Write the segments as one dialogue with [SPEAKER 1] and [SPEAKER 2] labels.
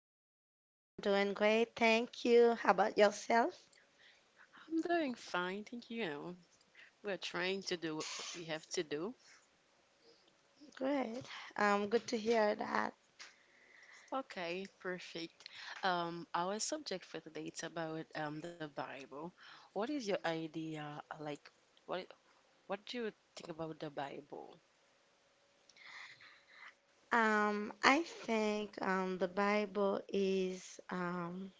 [SPEAKER 1] Hi, Selena. I'm doing great. Thank you. How about yourself?
[SPEAKER 2] I'm doing fine, thank you. We're trying to do what we have to do.
[SPEAKER 1] Great. Good to hear that.
[SPEAKER 2] Okay, perfect. Our subject for today is about the Bible. What is your idea? Like, what what do you think about the Bible?
[SPEAKER 1] I think the Bible is um,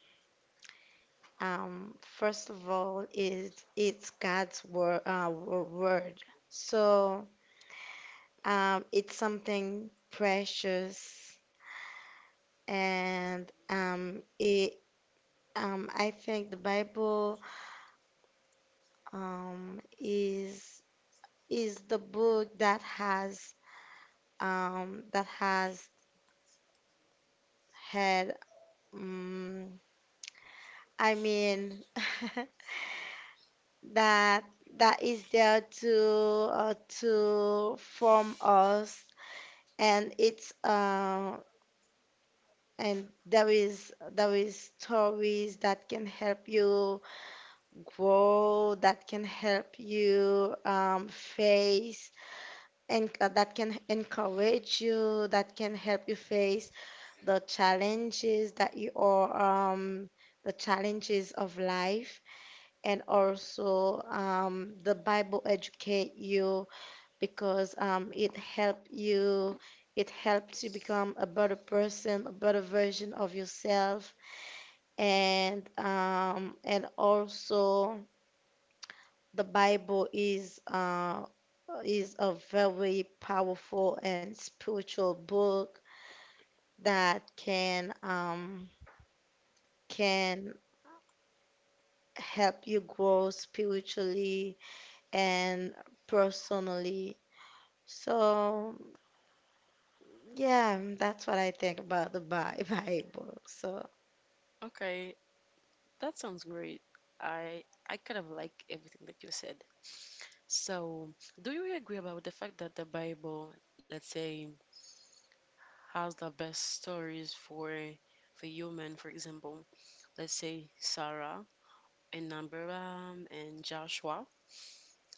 [SPEAKER 1] um, first of all is it's God's word, word. So it's something precious, and it I think the Bible um, is is the book that has um, that has had, um, I mean, that that is there to form us, and it's and there is stories that can help you grow, that can help you face and that can encourage you, that can help you face the challenges that you are, the challenges of life, and also the Bible educate you because it help you, it helps you become a better person, a better version of yourself, and and also the Bible is is a very powerful and spiritual book that can can help you grow spiritually and personally. So, yeah, that's what I think about the Bible. So,
[SPEAKER 2] Okay, that sounds great. I kind of like everything that you said. So, do you agree about the fact that the Bible, let's say, has the best stories for human, for example? Let's say Sarah and Abraham and Joshua,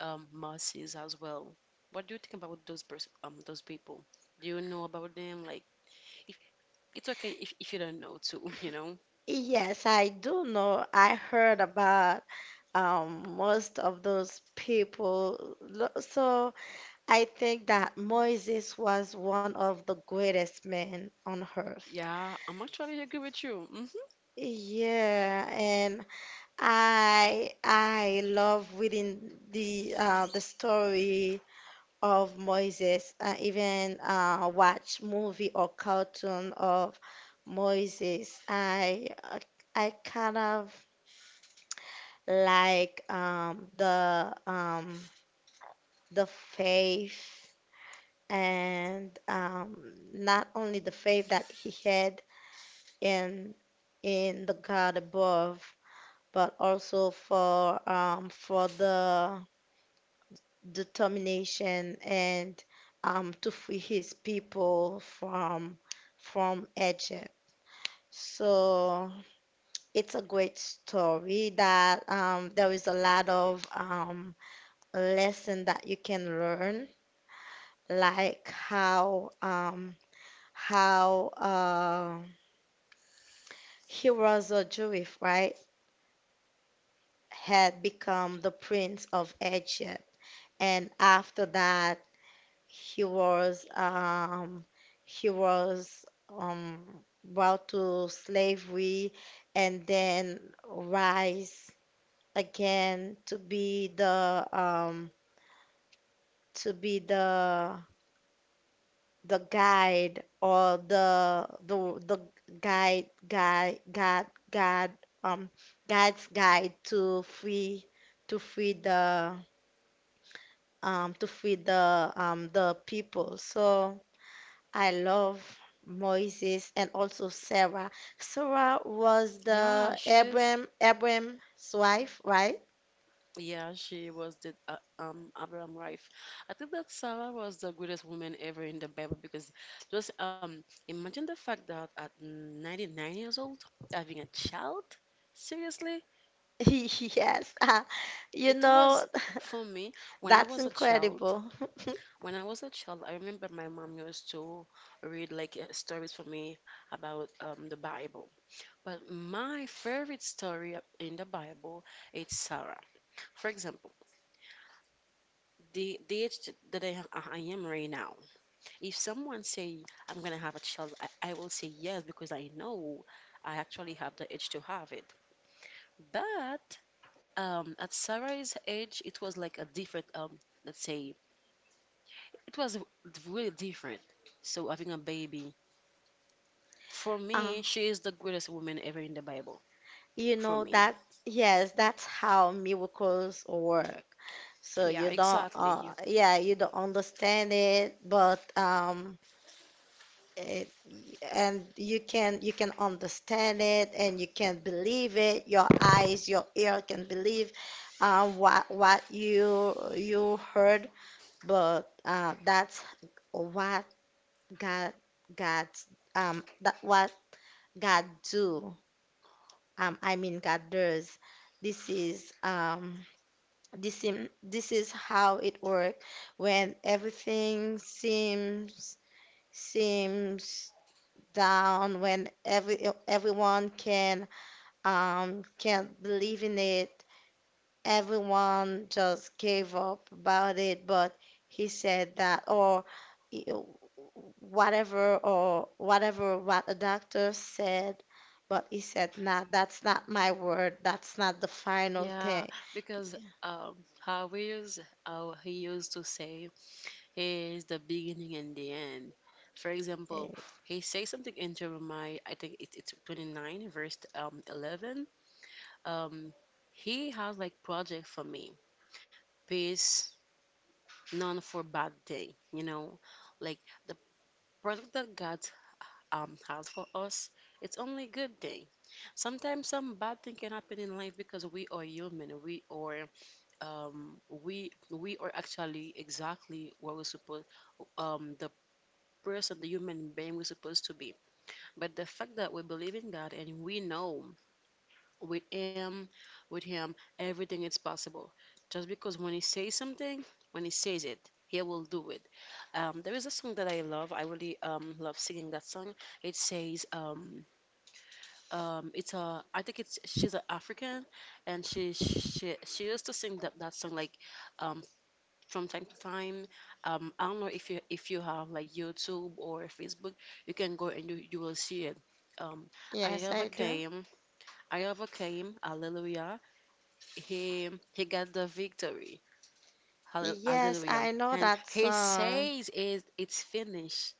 [SPEAKER 2] Moses as well. What do you think about those people? Do you know about them? Like, if it's okay if you don't know too, you know.
[SPEAKER 1] yes, I do know. I heard about most of those people. So, I think that Moses was one of the greatest men on earth.
[SPEAKER 2] Yeah, I'm actually agree with you. Hmm.
[SPEAKER 1] Yeah, and I love reading the the story of Moses and even watch movie or cartoon of Moses. I kind of like the faith and not only the faith that he had in in the God above, but also for the determination and to free his people from Egypt. So it's a great story that there is a lot of lesson that you can learn, like how how uh, he was a Jewish, right? Had become the prince of Egypt, and after that he was he was um, brought to slavery and then rise again to be the to be the guide or the guide guide um God's guide to free to free the the people. So I love Moses and also Sarah. Sarah was
[SPEAKER 2] Yeah,
[SPEAKER 1] the
[SPEAKER 2] she's.
[SPEAKER 1] Abram's wife, right?
[SPEAKER 2] Yeah, she was the Abraham wife. I think that Sarah was the greatest woman ever in the Bible because just imagine the fact that at 99 years old having a child. Seriously,
[SPEAKER 1] Yes. You
[SPEAKER 2] it
[SPEAKER 1] know,
[SPEAKER 2] was for me when I
[SPEAKER 1] that's
[SPEAKER 2] was a child.
[SPEAKER 1] incredible.
[SPEAKER 2] When I was a child, I remember my mom used to read, like, stories for me about the Bible. But my favorite story in the Bible is Sarah. For example, the age that I am right now. If someone say I'm gonna have a child, I will say yes because I know I actually have the age to have it. But at Sarah's age, it was like a different, let's say, it was really different. So having a baby, for
[SPEAKER 1] Uh,
[SPEAKER 2] me, she is the greatest woman ever in the Bible.
[SPEAKER 1] you
[SPEAKER 2] For
[SPEAKER 1] know
[SPEAKER 2] me,
[SPEAKER 1] that yes, that's how miracles work. So
[SPEAKER 2] yeah,
[SPEAKER 1] you don't
[SPEAKER 2] exactly. You,
[SPEAKER 1] yeah, you don't understand it, but it, and you can understand it and you can believe it, your eyes, your ear can believe what you heard, but that's what God God that what God do I mean God does. this is um this is how it works when everything seems down, when everyone can't believe in it. Everyone just gave up about it, but he said that, or you know, whatever, or whatever what a doctor said, but he said, nah, that's not my word. That's not the final
[SPEAKER 2] yeah,
[SPEAKER 1] thing.
[SPEAKER 2] because um, how we use how he used to say, is the beginning and the end. For example,
[SPEAKER 1] Eh,
[SPEAKER 2] he says something in Jeremiah, I think it's 29, verse 11. Um, he has like project for me, peace, none for bad thing. You know, like the project that God has for us, it's only good thing. Sometimes some bad thing can happen in life because we are human. We are, we are actually exactly what we're supposed, the person, the human being, we're supposed to be. But the fact that we believe in God, and we know with Him, everything is possible. Just because when He says something, when He says it, He will do it. There is a song that I love. I really love singing that song. It says, it's a, I think it's she's an African, and she used to sing that song like, um, from time to time. I don't know if you have like YouTube or Facebook, you can go and you will see it. Um, I
[SPEAKER 1] Yes, I do.
[SPEAKER 2] overcame, I overcame, hallelujah. He got the victory,
[SPEAKER 1] Yes,
[SPEAKER 2] hallelujah.
[SPEAKER 1] I know
[SPEAKER 2] And
[SPEAKER 1] that
[SPEAKER 2] he
[SPEAKER 1] song.
[SPEAKER 2] says it it's finished.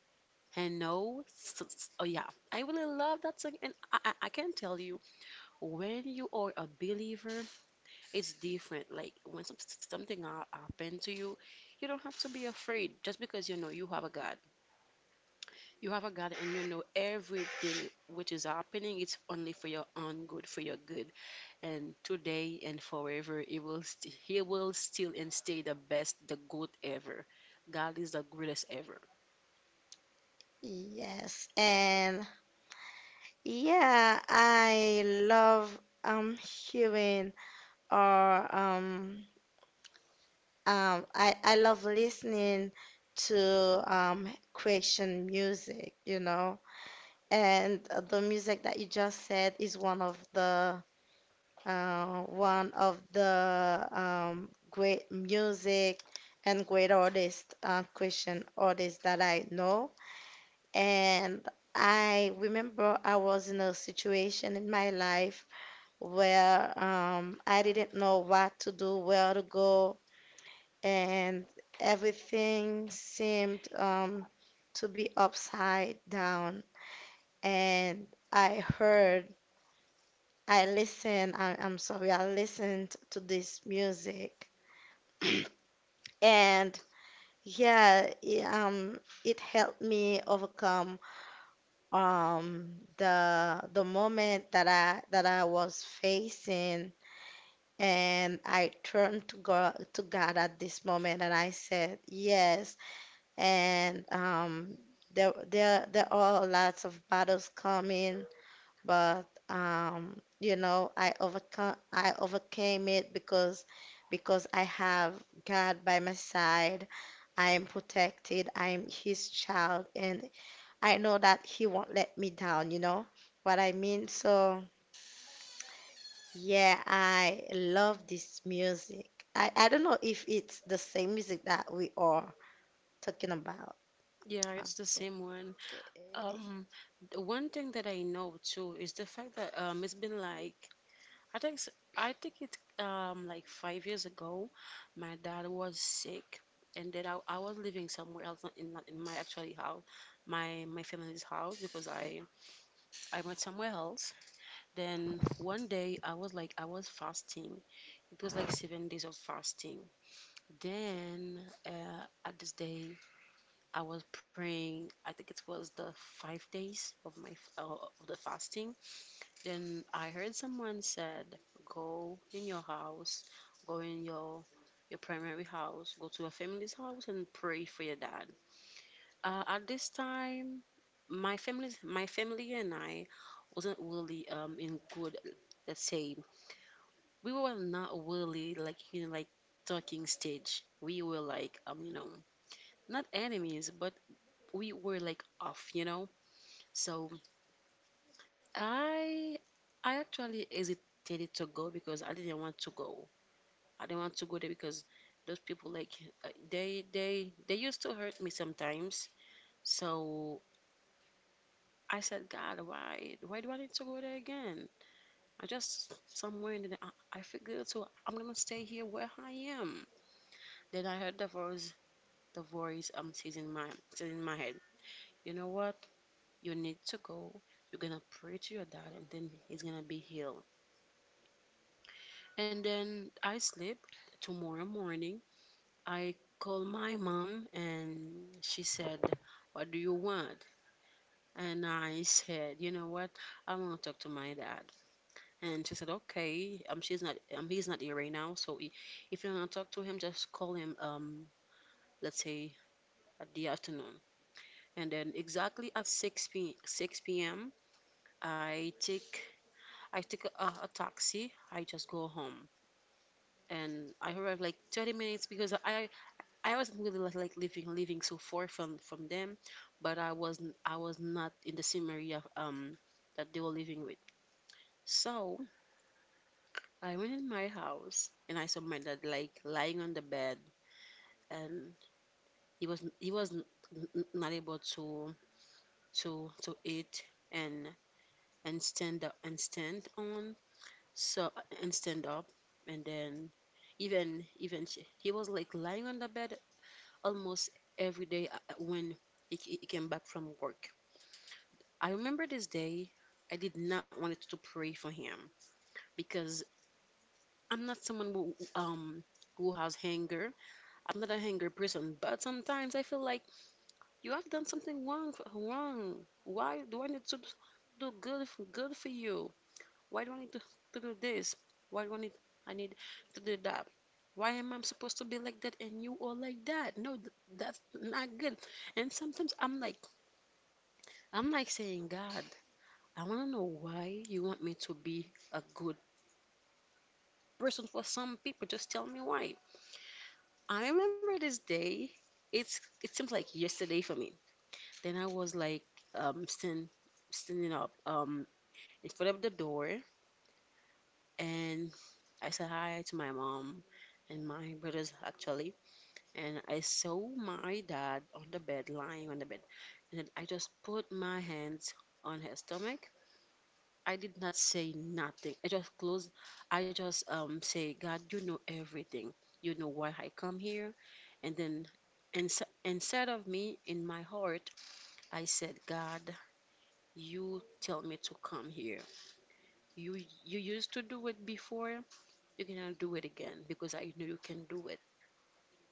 [SPEAKER 2] And no, oh yeah, I really love that song. And I can tell you, when you are a believer, it's different. Like when happen to you, you don't have to be afraid just because you know you have a God. You have a God, and you know everything which is happening. It's only for your own good, for your good, and today and forever, He will still and stay the best, the good ever. God is the greatest ever.
[SPEAKER 1] Yes, and yeah, I love hearing or um I love listening to Christian music, you know. And the music that you just said is one of the great music and great artist Christian artists that I know. And I remember I was in a situation in my life where I didn't know what to do, where to go, and everything seemed to be upside down. And I heard, I listened, I listened to this music, and yeah, it helped me overcome um, the moment that I was facing. And I turned to God at this moment and I said, yes. And there are lots of battles coming, but you know, I overcame it because I have God by my side. I am protected. I am His child, and I know that He won't let me down. You know what I mean? So. Yeah, I love this music. I don't know if it's the same music that we are talking about.
[SPEAKER 2] Yeah,
[SPEAKER 1] Uh,
[SPEAKER 2] it's the same one. Um, the one thing that I know too is the fact that it's been like I think s- I think it like 5 years ago, my dad was sick, and then I was living somewhere else, not in my actually house, my family's house, because I went somewhere else. Then one day I was like I was fasting. It was like 7 days of fasting. Then at this day I was praying. I think it was the 5 days of of the fasting. Then I heard someone said, go in your house, go in your primary house, go to your family's house and pray for your dad. At this time, my family and I wasn't really in good, let's say, we were not really like, you know, like talking stage. We were like, you know, not enemies, but we were like off, you know. So I I actually hesitated to go because I didn't want to go. I didn't want to go there because those people like, they used to hurt me sometimes. So I said, God, why do I need to go there again? I just somewhere, and then I figured so I'm gonna stay here where I am. Then I heard the voice, the voice um says in my says in my head, you know what? You need to go. You're gonna pray to your dad and then he's gonna be healed. And then I sleep. Tomorrow morning, I called my mom and she said, what do you want? And I said, you know what? I want to talk to my dad. And she said, okay, she's not, he's not here right now. So if you want to talk to him, just call him, let's say at the afternoon. And then exactly at 6 p m, I take I take a taxi. I just go home and I arrive like 30 minutes because I was really like living so far from them, but I was not in the same area that they were living with. So I went in my house and I saw my dad like lying on the bed, and he was not able to to eat and and stand up and stand on so and stand up, and then even he was like lying on the bed almost every day, when he came back from work. I remember this day, I did not want to pray for him because I'm not someone who has anger. I'm not a anger person, but sometimes I feel like you have done something wrong. Wrong. Why do I need to do good good for you? Why do I need to do this? Why do I need to do that? Why am I supposed to be like that and you are like that? No, that's not good. And sometimes I'm like saying, God, I want to know why you want me to be a good person for some people. Just tell me why. I remember this day. It's it seems like yesterday for me. Then I was like, um stand, standing up in front of the door, and I said hi to my mom and my brothers actually, and I saw my dad on the bed, lying on the bed, and then I just put my hands on his stomach. I did not say nothing. I just closed. I just say, God, you know everything. You know why I come here. And then inside of me, in my heart, I said, God, you tell me to come here. You you used to do it before. You cannot do it again because I know you can do it.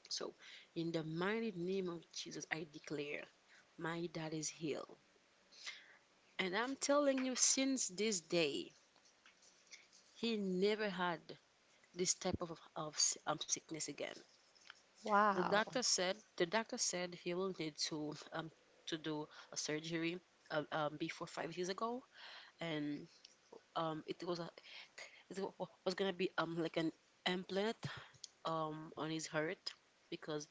[SPEAKER 2] So, in the mighty name of Jesus, I declare, my dad is healed. And I'm telling you, since this day, he never had this type of sickness again.
[SPEAKER 1] Wow.
[SPEAKER 2] The doctor said he will need to do a surgery, before 5 years ago, and um, it was a, was gonna be like an implant on his heart because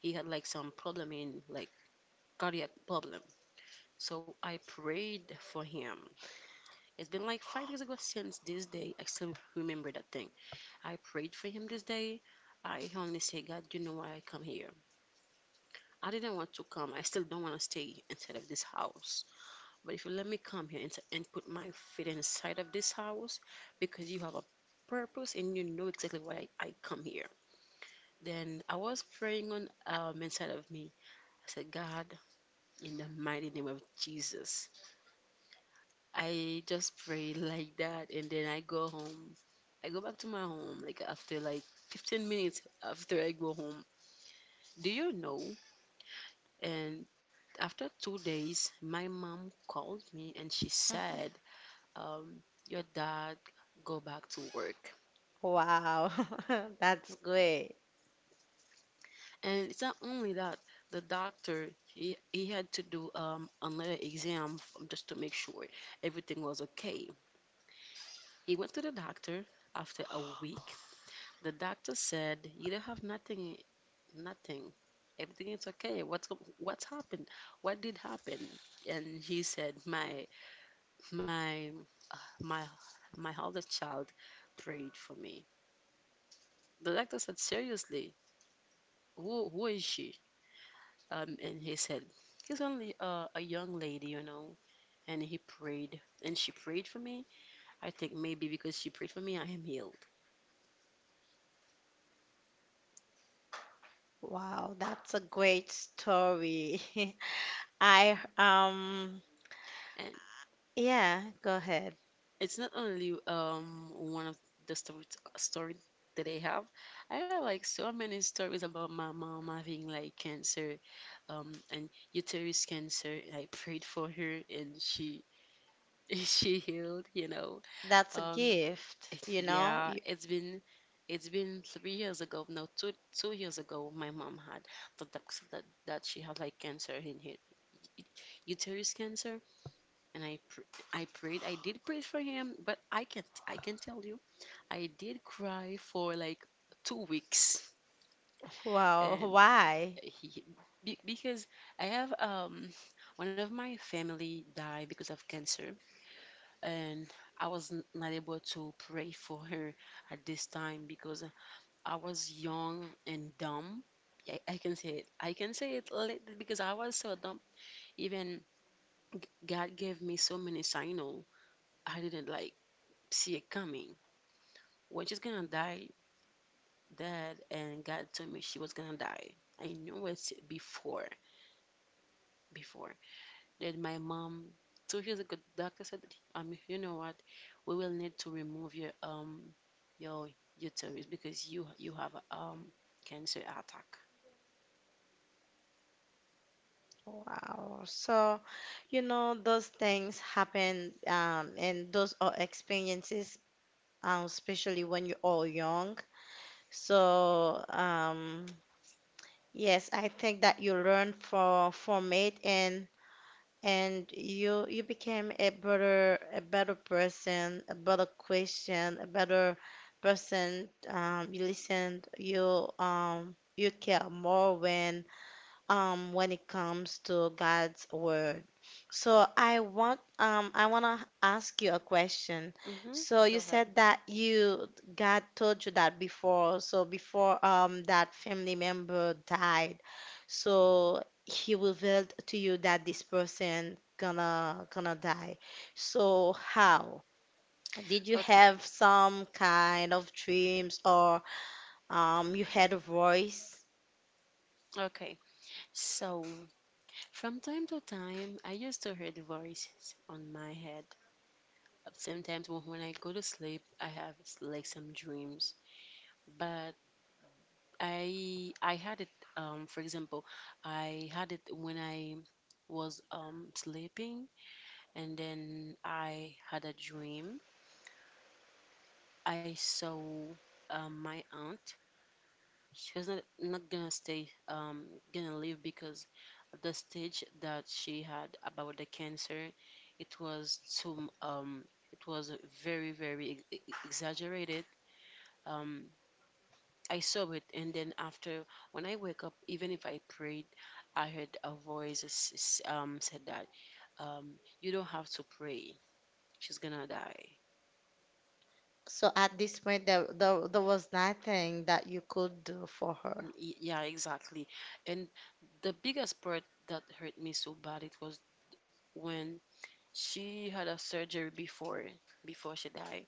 [SPEAKER 2] he had like some problem in like cardiac problem. So I prayed for him. It's been like 5 years ago since this day. I still remember that thing. I prayed for him this day. I only say, God, you know why I come here. I didn't want to come. I still don't want to stay inside of this house. But if you let me come here and, put my feet inside of this house because you have a purpose and you know exactly why I come here. Then I was praying on, inside of me. I said, God, in the mighty name of Jesus. I just pray like that and then I go home. I go back to my home like after like 15 minutes after I go home. Do you know. And after 2 days, my mom called me and she said, um, your dad go back to work.
[SPEAKER 1] Wow. That's great.
[SPEAKER 2] And it's not only that, the doctor, he had to do, another exam just to make sure everything was okay. He went to the doctor after a week. The doctor said, "You don't have nothing, nothing. Everything is okay. What's happened? What did happen?" And he said, My my "My oldest child prayed for me." The doctor said, "Seriously, who is she?" And he said, "He's only a young lady, And he prayed, and she prayed for me. I think maybe because she prayed for me, I am healed.
[SPEAKER 1] Wow, that's a great story. I
[SPEAKER 2] And
[SPEAKER 1] Yeah, go ahead.
[SPEAKER 2] it's not only one of the story that I have. I have like so many stories about my mom having like cancer, and uterus cancer. I prayed for her, and she she healed,
[SPEAKER 1] That's a
[SPEAKER 2] Um,
[SPEAKER 1] gift, you know?
[SPEAKER 2] yeah, it's been 3 years ago, no, two years ago, my mom had the docs- that that she had like cancer in her uterus cancer, and I prayed, I did pray for him, but I can't I can tell you, I did cry for like 2 weeks,
[SPEAKER 1] Wow,
[SPEAKER 2] and
[SPEAKER 1] why?
[SPEAKER 2] he because I have one of my family died because of cancer, and I was not able to pray for her at this time because I was young and dumb. I can say it. I can say it because I was so dumb. Even g- God gave me so many signals. I didn't like see it coming. When she's gonna die, Dad and God told me she was gonna die. I knew it before, before. Then my mom, 2 years ago, the doctor said, that, you know what, we will need to remove your your uterus because you have a cancer attack.
[SPEAKER 1] Wow. So, you know, those things happen and those are experiences, especially when you're all young. So, yes, I think that you learn for from it and you became a better person, a better Christian, a better person. You listened, you you care more when it comes to God's word. So I want to ask you a question.
[SPEAKER 2] Hmm.
[SPEAKER 1] So you
[SPEAKER 2] Go ahead.
[SPEAKER 1] said that you God told you that before, so before that family member died. So he revealed to you that this person gonna die. So how? Did you have
[SPEAKER 2] Okay,
[SPEAKER 1] some kind of dreams or you had a voice?
[SPEAKER 2] okay. So from time to time, I used to hear the voices on my head. Sometimes when I go to sleep, I have like some dreams. But I had it. For example, I had it when I was sleeping. And then I had a dream. I saw my aunt. She was not gonna stay, gonna live because at the stage that she had about the cancer, it was it was very, exaggerated. Um, I saw it, and then after, when I wake up, even if I prayed, I heard a voice said that um, you don't have to pray. She's gonna die.
[SPEAKER 1] So at this point, there was nothing that you could do for her.
[SPEAKER 2] Y- Yeah, exactly. And the biggest part that hurt me so bad it was when she had a surgery before before she died,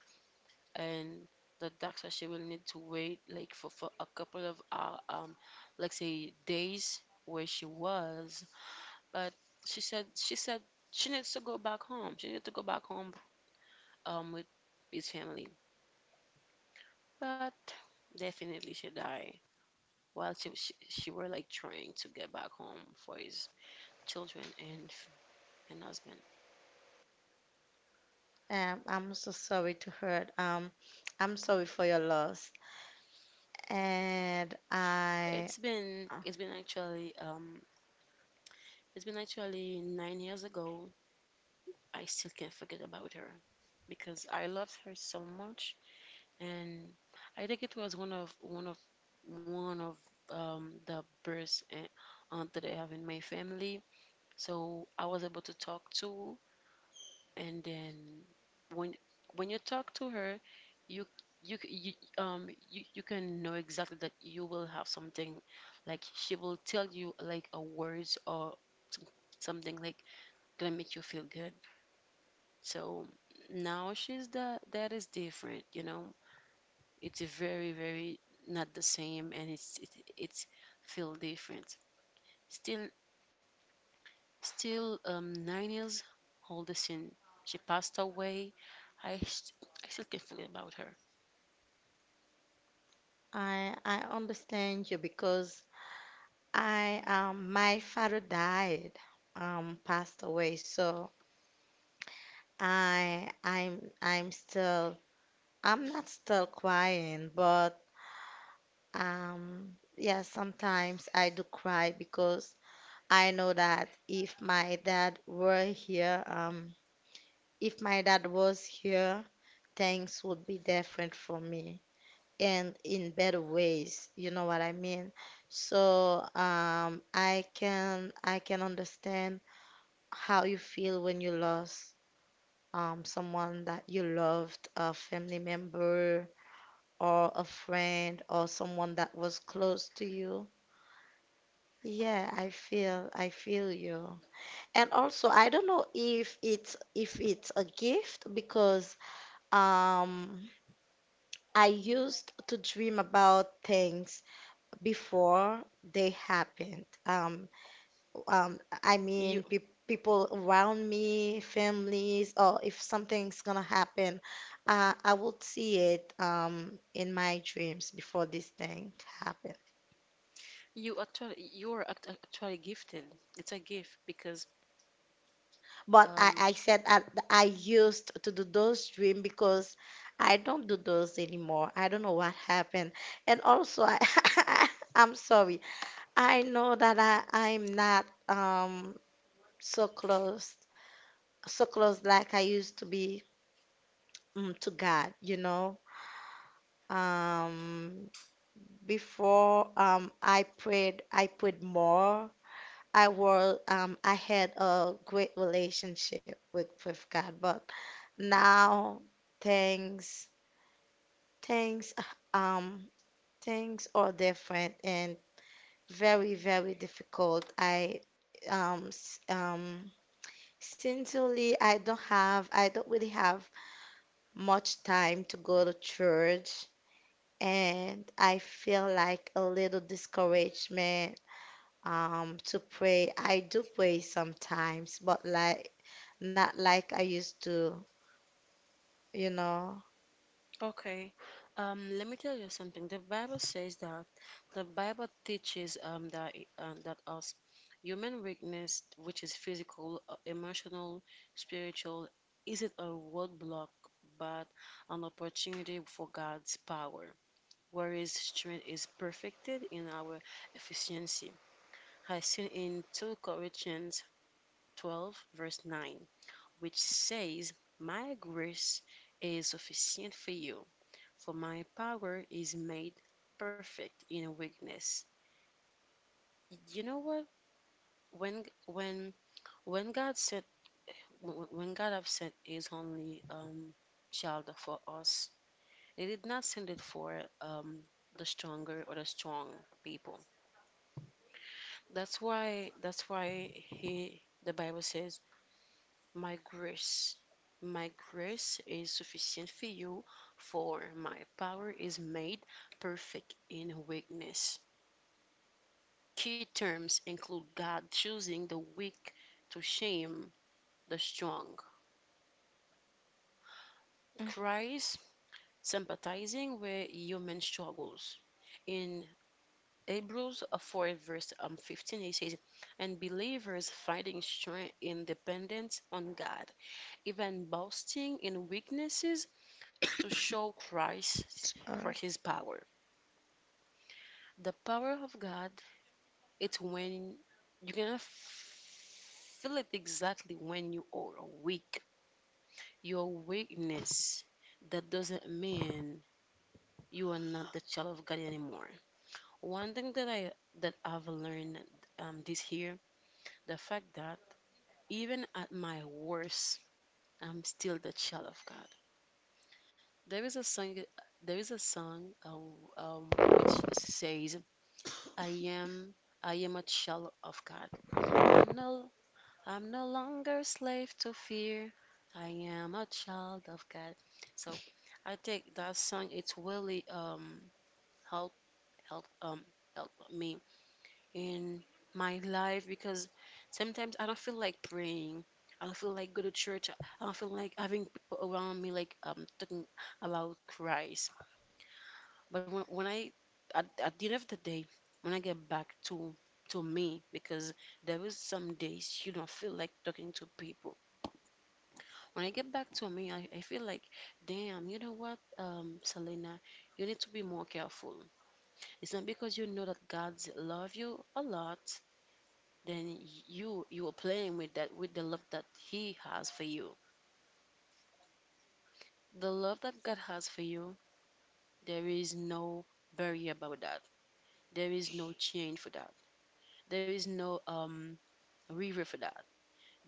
[SPEAKER 2] and the doctor she will need to wait like for a couple of like say days where she was, but she said she needs to go back home. She needs to go back home with his family, but definitely she died while she were like trying to get back home for his children and husband.
[SPEAKER 1] I'm so sorry to her. I'm sorry for your loss. And I,
[SPEAKER 2] It's been it's been actually um it's been actually 9 years ago. I still can't forget about her because I loved her so much, and I think it was one of the best aunt that I have in my family. So I was able to talk to, and then when when you talk to her, you you, you can know exactly that you will have something, like she will tell you like a words or something like gonna make you feel good. So now she's, that is different, you know. It's very, very not the same, and it's feel different. Still, still 9 years old since she passed away. i st- I still can feel about her.
[SPEAKER 1] I understand you because my father died, passed away. So I'm still, I'm not still crying, but um, yeah, sometimes I do cry because. I know that if my dad were here, if my dad was here, things would be different for me and in better ways. You know what I mean? So, I can understand how you feel when you lost someone that you loved, a family member or a friend or someone that was close to you. Yeah, I feel you. And also, I don't know if it's a gift because um I used to dream about things before they happened. I mean,
[SPEAKER 2] You
[SPEAKER 1] pe People around me, families, or if something's gonna happen, I will see it in my dreams before this thing happens.
[SPEAKER 2] you actually actually gifted. It's a gift because
[SPEAKER 1] But
[SPEAKER 2] um
[SPEAKER 1] I said I used to do those dream because I don't do those anymore. I don't know what happened. And also, I'm sorry. I know that I'm not so close, so close like I used to be, to God, you know. Um, before I prayed more. I was I had a great relationship with God, but now things things uh, um things are different and very very difficult. Um s- um Sincerely I don't really have much time to go to church, and I feel like a little discouragement to pray. I do pray sometimes, but like not like I used to, you know.
[SPEAKER 2] okay. Let me tell you something. The Bible teaches that us human weakness, which is physical, emotional, spiritual, isn't a roadblock but an opportunity for God's power. Whereas strength is perfected in our efficiency. I seen in 2 Corinthians 12 verse 9, which says, "My grace is sufficient for you, for my power is made perfect in weakness." You know what? When when when God sent, when God have sent His only child for us, He did not send it for the stronger or the strong people. That's why He the Bible says, "My grace, my grace is sufficient for you, for my power is made perfect in weakness." Key terms include God choosing the weak to shame the strong,
[SPEAKER 1] Mm.
[SPEAKER 2] Christ sympathizing with human struggles. In Hebrews 4, verse 15, it says, "And believers finding strength in dependence on God, even boasting in weaknesses to show Christ for
[SPEAKER 1] Sorry.
[SPEAKER 2] his power." The power of God, it's when you're gonna feel it exactly when you are weak. Your weakness, that doesn't mean you are not the child of God anymore. One thing that I that I've learned this year, the fact that even at my worst, I'm still the child of God. There is a song, there is a song which says, I am "I am a child of God. I'm no I'm no longer slave to fear. I am a child of God." So I think that song it's really help help um help me in my life because sometimes I don't feel like praying. I don't feel like go to church. I don't feel like having people around me like talking about Christ. But when I, at the end of the day, when I get back to me, because there is some days you don't feel like talking to people. When I get back to me, I feel like, damn, you know what, Selena, you need to be more careful. It's not because you know that God love you a lot, then you are playing with that, with the love that He has for you. The love that God has for you, there is no barrier about that. There is no change for that. There is no river for that.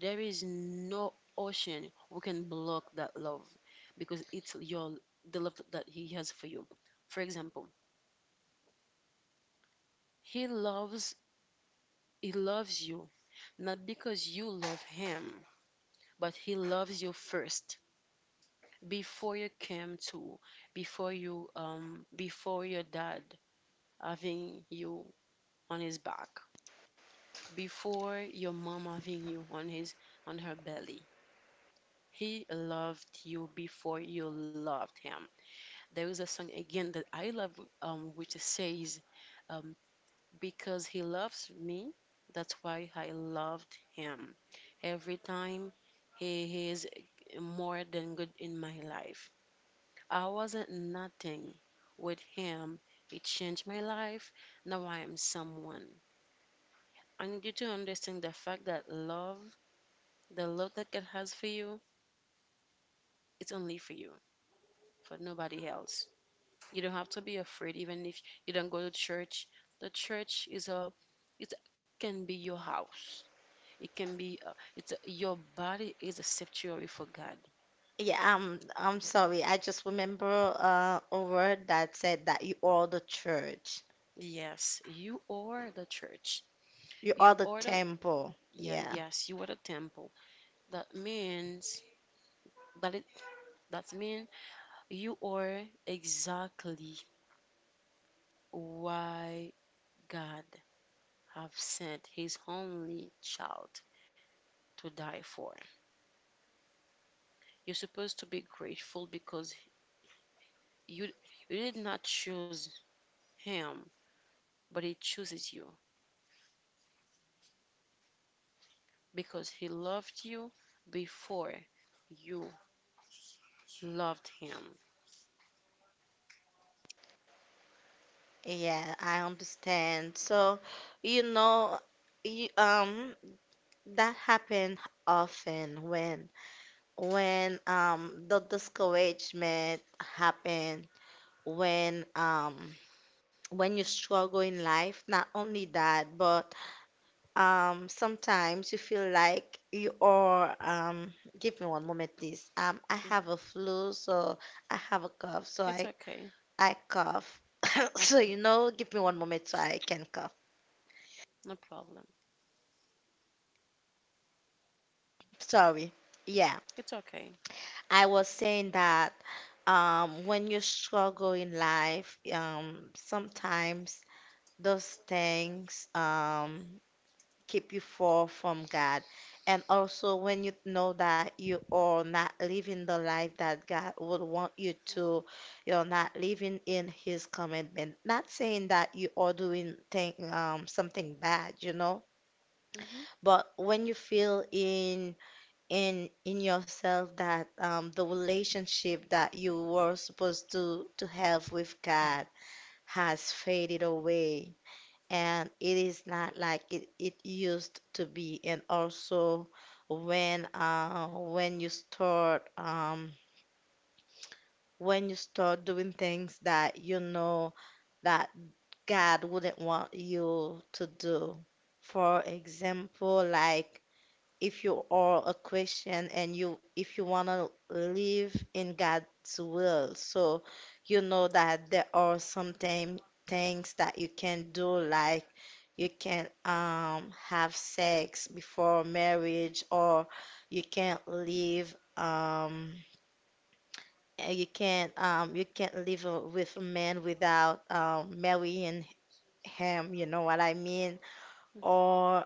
[SPEAKER 2] There is no ocean who can block that love because it's your, the love that he has for you. For example, he loves he loves you not because you love him, but he loves you first before you came to, before you before your dad having you on his back, before your mom having you on his, on her belly. He loved you before you loved him. There is a song again that I love, which says, um, "Because he loves me, that's why I loved him. Every time he is more than good in my life. I wasn't nothing. With him, it changed my life. Now I am someone." I need you to understand the fact that love, the love that God has for you, it's only for you, for nobody else. You don't have to be afraid, even if you don't go to church. The church is it can be your house. It can be, it's your body is a sanctuary for God.
[SPEAKER 1] Yeah, I'm sorry. I just remember a word that said that you are the church.
[SPEAKER 2] Yes, you are the church.
[SPEAKER 1] You are
[SPEAKER 2] You
[SPEAKER 1] the
[SPEAKER 2] are the,
[SPEAKER 1] temple.
[SPEAKER 2] yeah,
[SPEAKER 1] Yeah.
[SPEAKER 2] yes, you are the temple. That means that it, that means you are exactly why God have sent His only child to die for. You're supposed to be grateful because You, you did not choose him, but he chooses you because he loved you before you loved him.
[SPEAKER 1] Yeah, I understand. So, you know, you, um that happened often when the discouragement happened, when um when you struggle in life, not only that, but sometimes you feel like you are, give me one moment, please. I
[SPEAKER 2] Mm.
[SPEAKER 1] have a flu, so I have a cough, so
[SPEAKER 2] It's okay.
[SPEAKER 1] I cough. So,
[SPEAKER 2] Okay.
[SPEAKER 1] you know, give me one moment so I can cough.
[SPEAKER 2] No problem.
[SPEAKER 1] Sorry. Yeah,
[SPEAKER 2] It's okay.
[SPEAKER 1] I was saying that when you struggle in life, sometimes those things, keep you far from God. And also, when you know that you are not living the life that God would want you to, you're not living in His commandment. Not saying that you are doing something bad, you know,
[SPEAKER 2] Hmm.
[SPEAKER 1] but when you feel in yourself that the relationship that you were supposed to have with God has faded away and it is not like it used to be. And also when you start when you start doing things that you know that God wouldn't want you to do. For example, like if you are a Christian and you if you want to live in God's will, so you know that there are some things that you can do, like you can have sex before marriage, or you can't live um you can't live with a man without marrying him, you know what I mean, or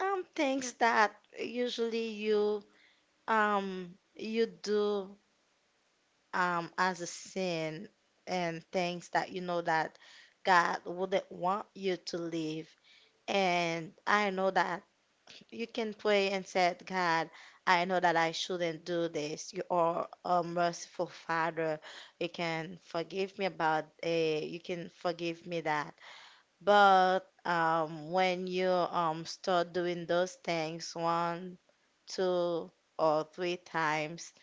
[SPEAKER 1] things that usually you you do as a sin, and things that you know that God wouldn't want you to live. And I know that you can pray and say, God, I know that I shouldn't do this. You are a merciful Father. You can forgive me about, you can forgive me that. But when you start doing those things one, two, or three times,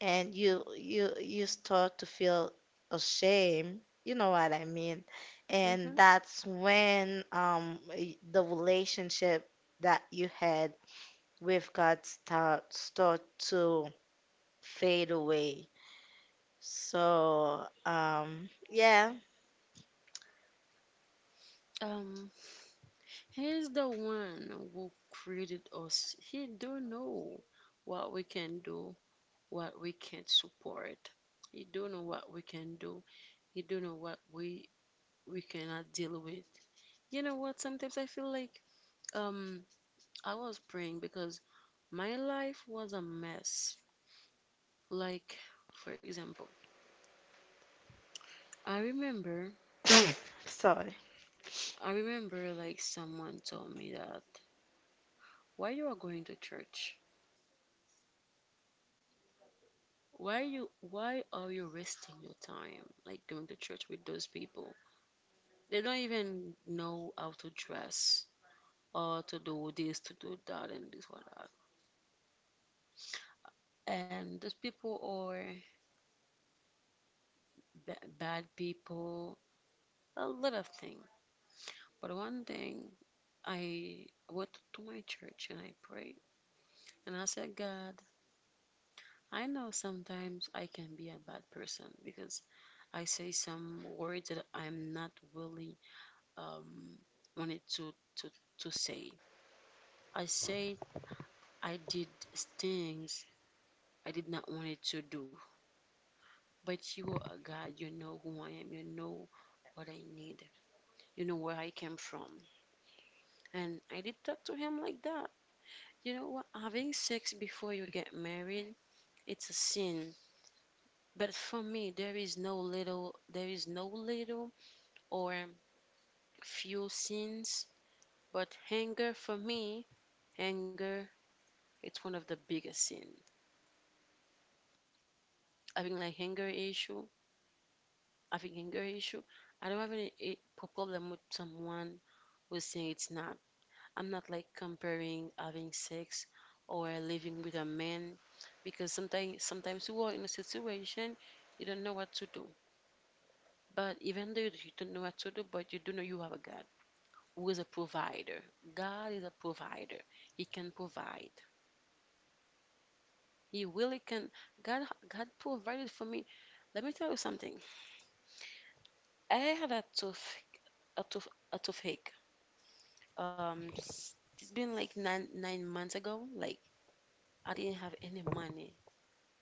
[SPEAKER 1] and you you start to feel ashamed, you know what I mean? And
[SPEAKER 2] Mm-hmm.
[SPEAKER 1] that's when the relationship that you had we've got start to fade away. So, yeah.
[SPEAKER 2] Um, he's the one who created us. He do know what we can do, what we can't support. He do know what we can do. He do know what we cannot deal with. You know what? Sometimes I feel like um I was praying because my life was a mess. Like, for example, I remember,
[SPEAKER 1] Sorry.
[SPEAKER 2] I remember like someone told me that, "Why you are going to church? Why are you wasting your time like going to church with those people? They don't even know how to dress or to do this, to do that and this or that. And those people are bad people, a lot of things." But one thing, I went to my church and I prayed. And I said, "God, I know sometimes I can be a bad person because I say some words that I'm not really um, wanted to say. I say I did things I did not want it to do. But you are a God, you know who I am, you know what I need, you know where I came from." And I did talk to him like that. You know what? Having sex before you get married, it's a sin. But for me, there is no little or few sins. But anger for me, anger, it's one of the biggest sin. Having like anger issue, having anger issue, I don't have any problem with someone who's saying it's not. I'm not like comparing having sex or living with a man because sometimes you are in a situation you don't know what to do. But even though you don't know what to do, but you do know you have a God who is a provider. God is a provider. He can provide. He really can. God provided for me. Let me tell you something. I had a tough, a toothache. It's been like nine nine months ago. Like I didn't have any money,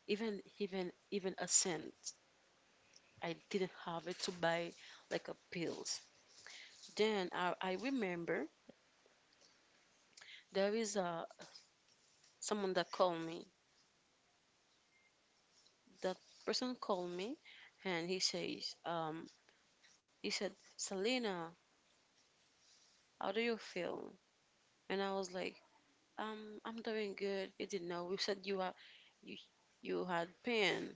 [SPEAKER 2] even a cent. I didn't have it to buy like a pills. Then I remember there is a someone that called me. That person called me, and he said, Selena, how do you feel? And I was like, I'm doing good. He didn't know. You said you, you had pain.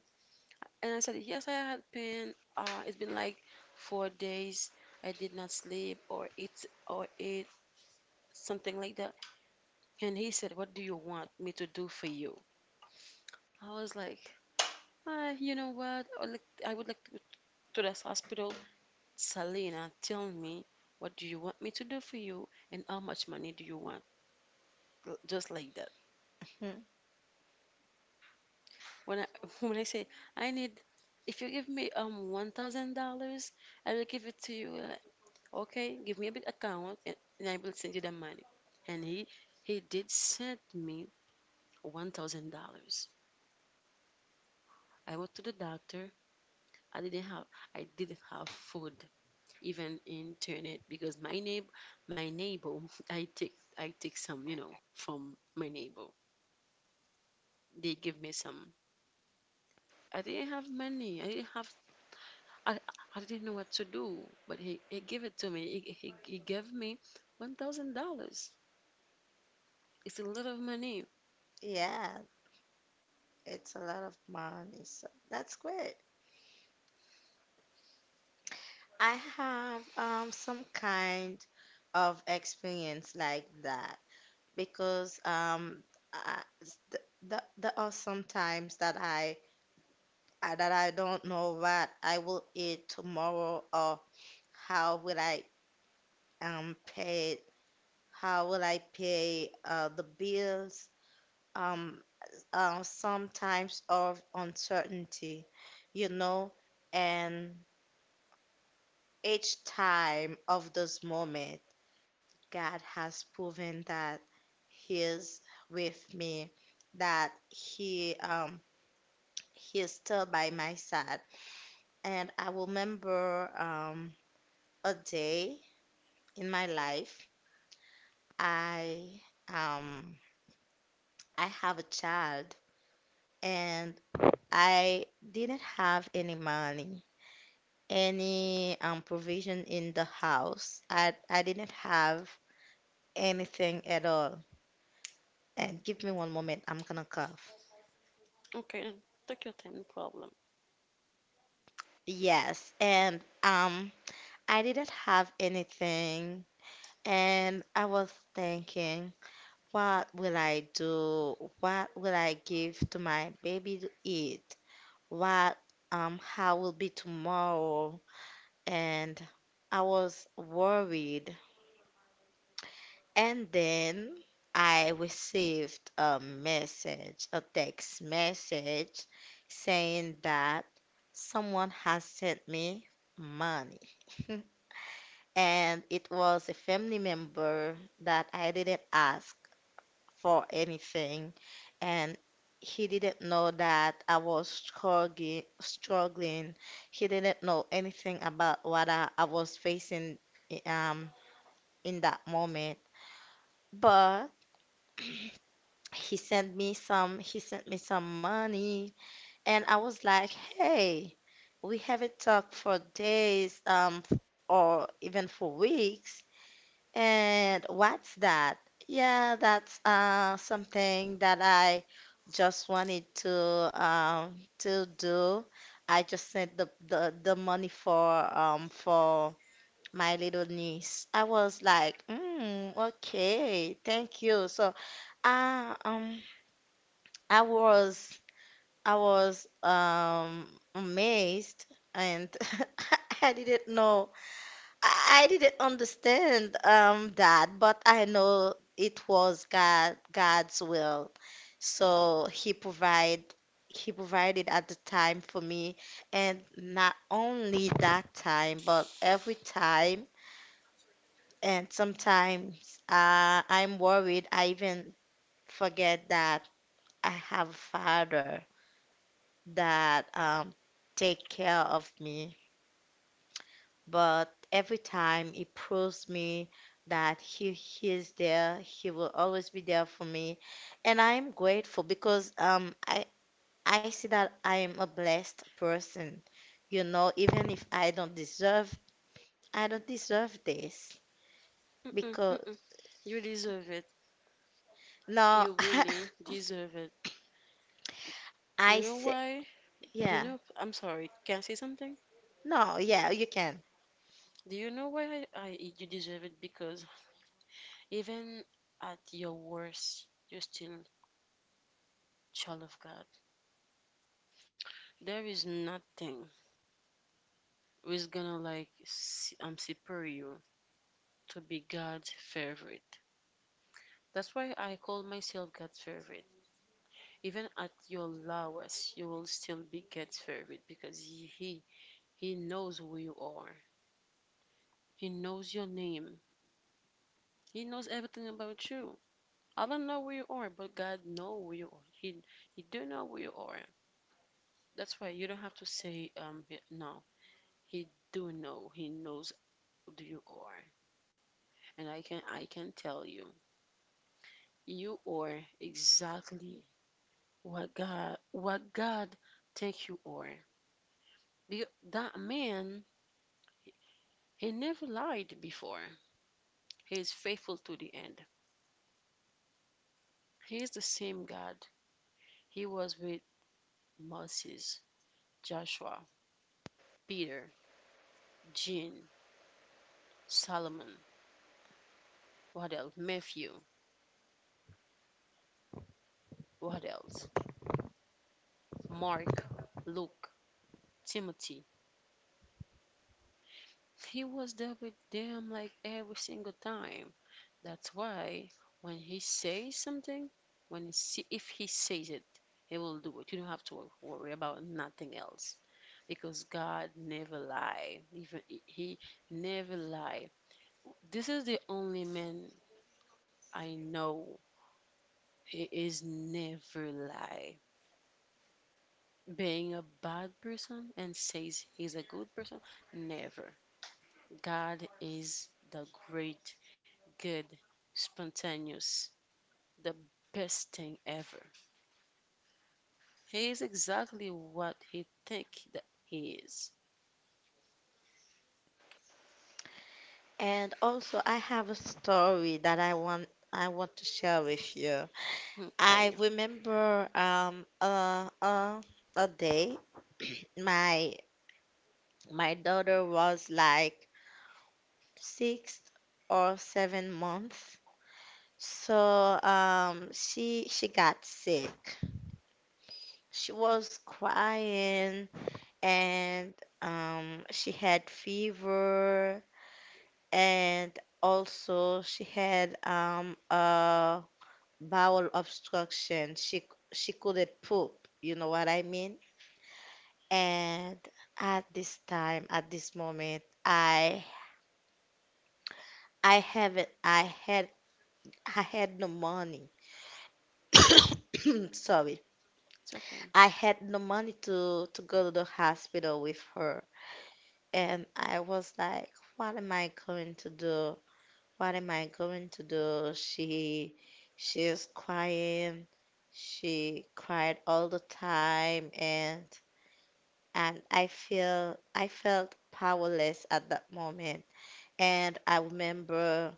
[SPEAKER 2] And I said, yes, I had pain. It's been like 4 days. I did not sleep or eat something like that. And he said, what do you want me to do for you? I was like, you know what? I would like to this hospital. Selena, tell me, what do you want me to do for you? And how much money do you want? Just like that.
[SPEAKER 1] Hmm.
[SPEAKER 2] When I when I say I need, if you give me $1,000, I will give it to you. Okay, give me a bit account and I will send you the money. And he did send me $1,000. I went to the doctor. I didn't have I didn't have food even in Turnit because my neighbor I take some you know from my neighbor. They give me some. I didn't have money. I I didn't know what to do, but he gave it to me. He gave me $1,000. It's a lot of money.
[SPEAKER 1] Yeah, it's a lot of money. So that's great. I have some kind of experience like that because I, th th there are some times that that I don't know what I will eat tomorrow or how will I pay. How will I pay the bills? Um, Sometimes of uncertainty, you know, and each time of this moment, God has proven that He is with me, that He is still by my side. And I remember a day in my life, I um, I have a child, and I didn't have any money, any provision in the house. I didn't have anything at all. And give me one moment, I'm gonna cough.
[SPEAKER 2] Okay, take your time, no problem.
[SPEAKER 1] Yes, and I didn't have anything, and I was thinking, what will I do? What will I give to my baby to eat? What, how will be tomorrow? And I was worried. And then I received a message, a text message saying that someone has sent me money. And it was a family member that I didn't ask for anything. And he didn't know that I was struggling, struggling. He didn't know anything about what I was facing i- um, in that moment. But he sent me some money and I was like, "Hey, we haven't talked for days or even for weeks. And what's that?" Yeah, that's something that I just wanted um to do. I just sent the money for my little niece. I was like, mm, okay, thank you. So, uh, um I was I was um amazed and I didn't know. I didn't understand that, but I know it was God's will. So he provided at the time for me and not only that time, but every time and sometimes I'm worried I even forget that I have a father that take care of me, but every time he proves me that he is there, he will always be there for me, and I am grateful because I see that I am a blessed person. You know, even if I don't deserve, I don't deserve this
[SPEAKER 2] Mm-mm,
[SPEAKER 1] because
[SPEAKER 2] mm-mm. You deserve it.
[SPEAKER 1] no,
[SPEAKER 2] You really deserve it.
[SPEAKER 1] I
[SPEAKER 2] You know
[SPEAKER 1] see,
[SPEAKER 2] why? You
[SPEAKER 1] yeah,
[SPEAKER 2] know, I'm sorry. Can I say something?
[SPEAKER 1] no, yeah, you can.
[SPEAKER 2] Do you know why I you deserve it? Because even at your worst, you're still child of God. There is nothing who's gonna like superior to be God's favorite. That's why I call myself God's favorite. Even at your lowest, you will still be God's favorite because he knows who you are. He knows your name. He knows everything about you. I don't know who you are, but God know who you are. He do know who you are. That's why you don't have to say no. He do know. He knows who you are. And I can tell you, you are exactly what God think you are. The- that man, he never lied before. He is faithful to the end. He is the same God he was with Moses, Joshua, Peter, Jean, Solomon. What else? Matthew. What else? Mark, Luke, Timothy. He was there with them like every single time. That's why when he says something, if he says it, he will do it. You don't have to worry about nothing else. Because God never lie. Even he never lie. This is the only man I know he is never lie. Being a bad person and says he's a good person, never. God is the great, good, spontaneous, the best thing ever. He is exactly what he think that he is.
[SPEAKER 1] And also, I have a story that I want to share with you. I
[SPEAKER 2] Okay,
[SPEAKER 1] remember a day my my daughter was like 6 or 7 months. So she got sick. She was crying and she had fever and also she had a bowel obstruction. She couldn't poop. You know what I mean? And at this time, at this moment, I haven't I had I had no money. Sorry.
[SPEAKER 2] it's okay.
[SPEAKER 1] I had no money to go to the hospital with her. And I was like, what am I going to do? What am I going to do? She's crying. She cried all the time and I felt powerless at that moment. And I remember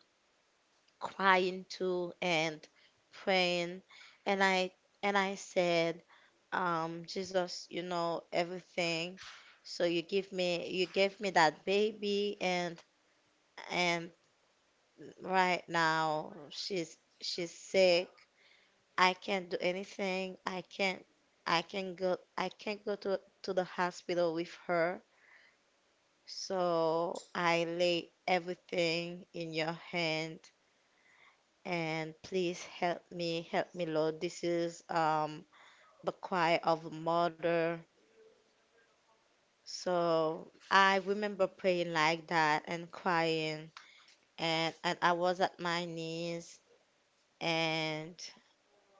[SPEAKER 1] crying too and praying and I said, Jesus, you know everything. So you gave me that baby and right now she's sick. I can't do anything. I can't go to the hospital with her. So I lay everything in your hand and please help me, Lord. This is the cry of a mother. So I remember praying like that and crying, and I was at my knees, and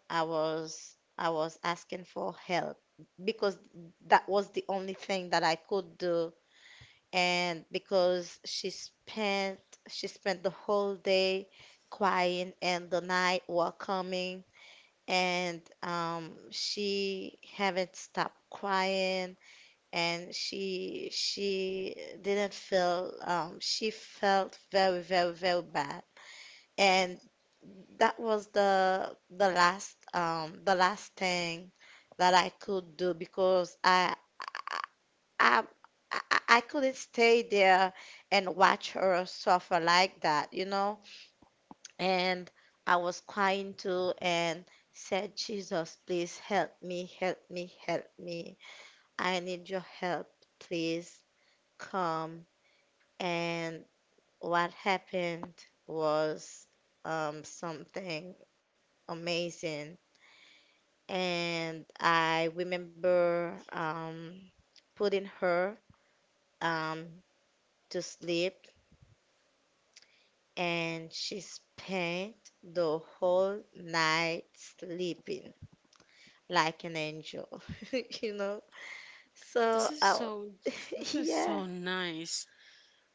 [SPEAKER 1] I was asking for help because that was the only thing that I could do. And because she spent the whole day crying and the night were coming and she haven't stopped crying and she didn't feel she felt very very very bad and that was the last thing that I could do because I, I I couldn't stay there and watch her suffer like that, you know, and I was crying too and said, Jesus, please help me, help me, help me. I need your help. Please come. And what happened was something amazing. And I remember putting her um, to sleep, and she spent the whole night sleeping like an angel, you know?
[SPEAKER 2] This
[SPEAKER 1] So,
[SPEAKER 2] is
[SPEAKER 1] uh,
[SPEAKER 2] so this is
[SPEAKER 1] yeah,
[SPEAKER 2] so nice.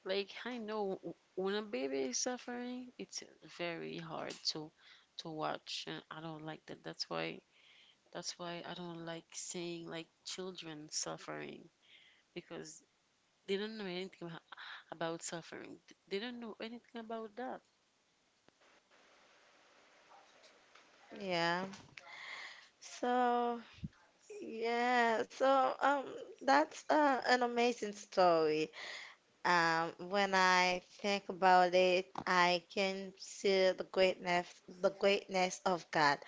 [SPEAKER 2] Like I know when a baby is suffering, it's very hard to watch, and I don't like that. That's why I don't like seeing like children suffering because they don't know anything about suffering. They don't know anything about that.
[SPEAKER 1] yeah. So, yeah, so um, that's an amazing story. When I think about it, I can see the greatness of God.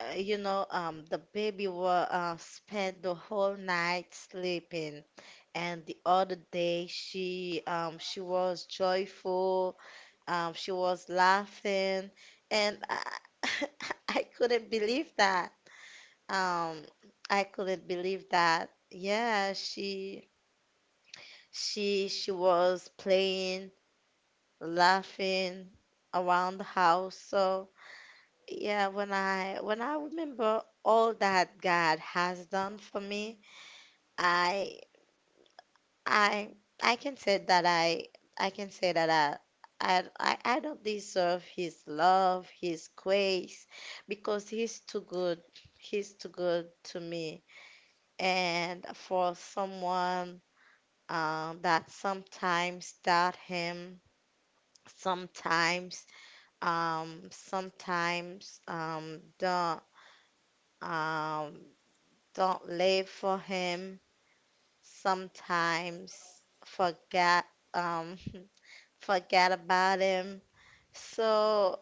[SPEAKER 1] You know, the baby were spent the whole night sleeping, and the other day she was joyful. She was laughing, and I couldn't believe that. Um, I couldn't believe that. Yeah, she she was playing, laughing around the house. So yeah, when I remember all that God has done for me, I I I can say that I I can say that I I don't deserve his love, his grace, because he's too good. He's too good to me. And for someone that sometimes doubt him, sometimes sometimes um don't live for him, sometimes forget um forget about him. So,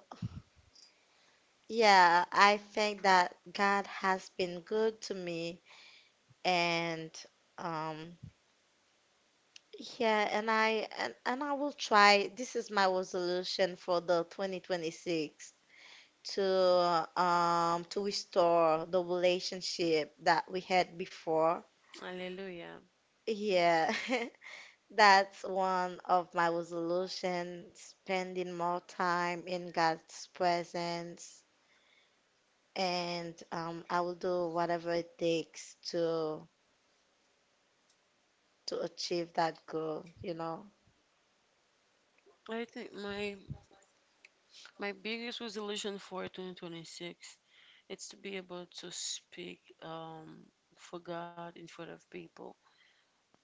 [SPEAKER 1] yeah, I think that God has been good to me and um yeah, and I will try. This is my resolution for the 2026 to restore the relationship that we had before.
[SPEAKER 2] Hallelujah.
[SPEAKER 1] Yeah. That's one of my resolutions, spending more time in God's presence and I will do whatever it takes to achieve that goal, you know.
[SPEAKER 2] I think my biggest resolution for 2026 it's to be able to speak for God in front of people,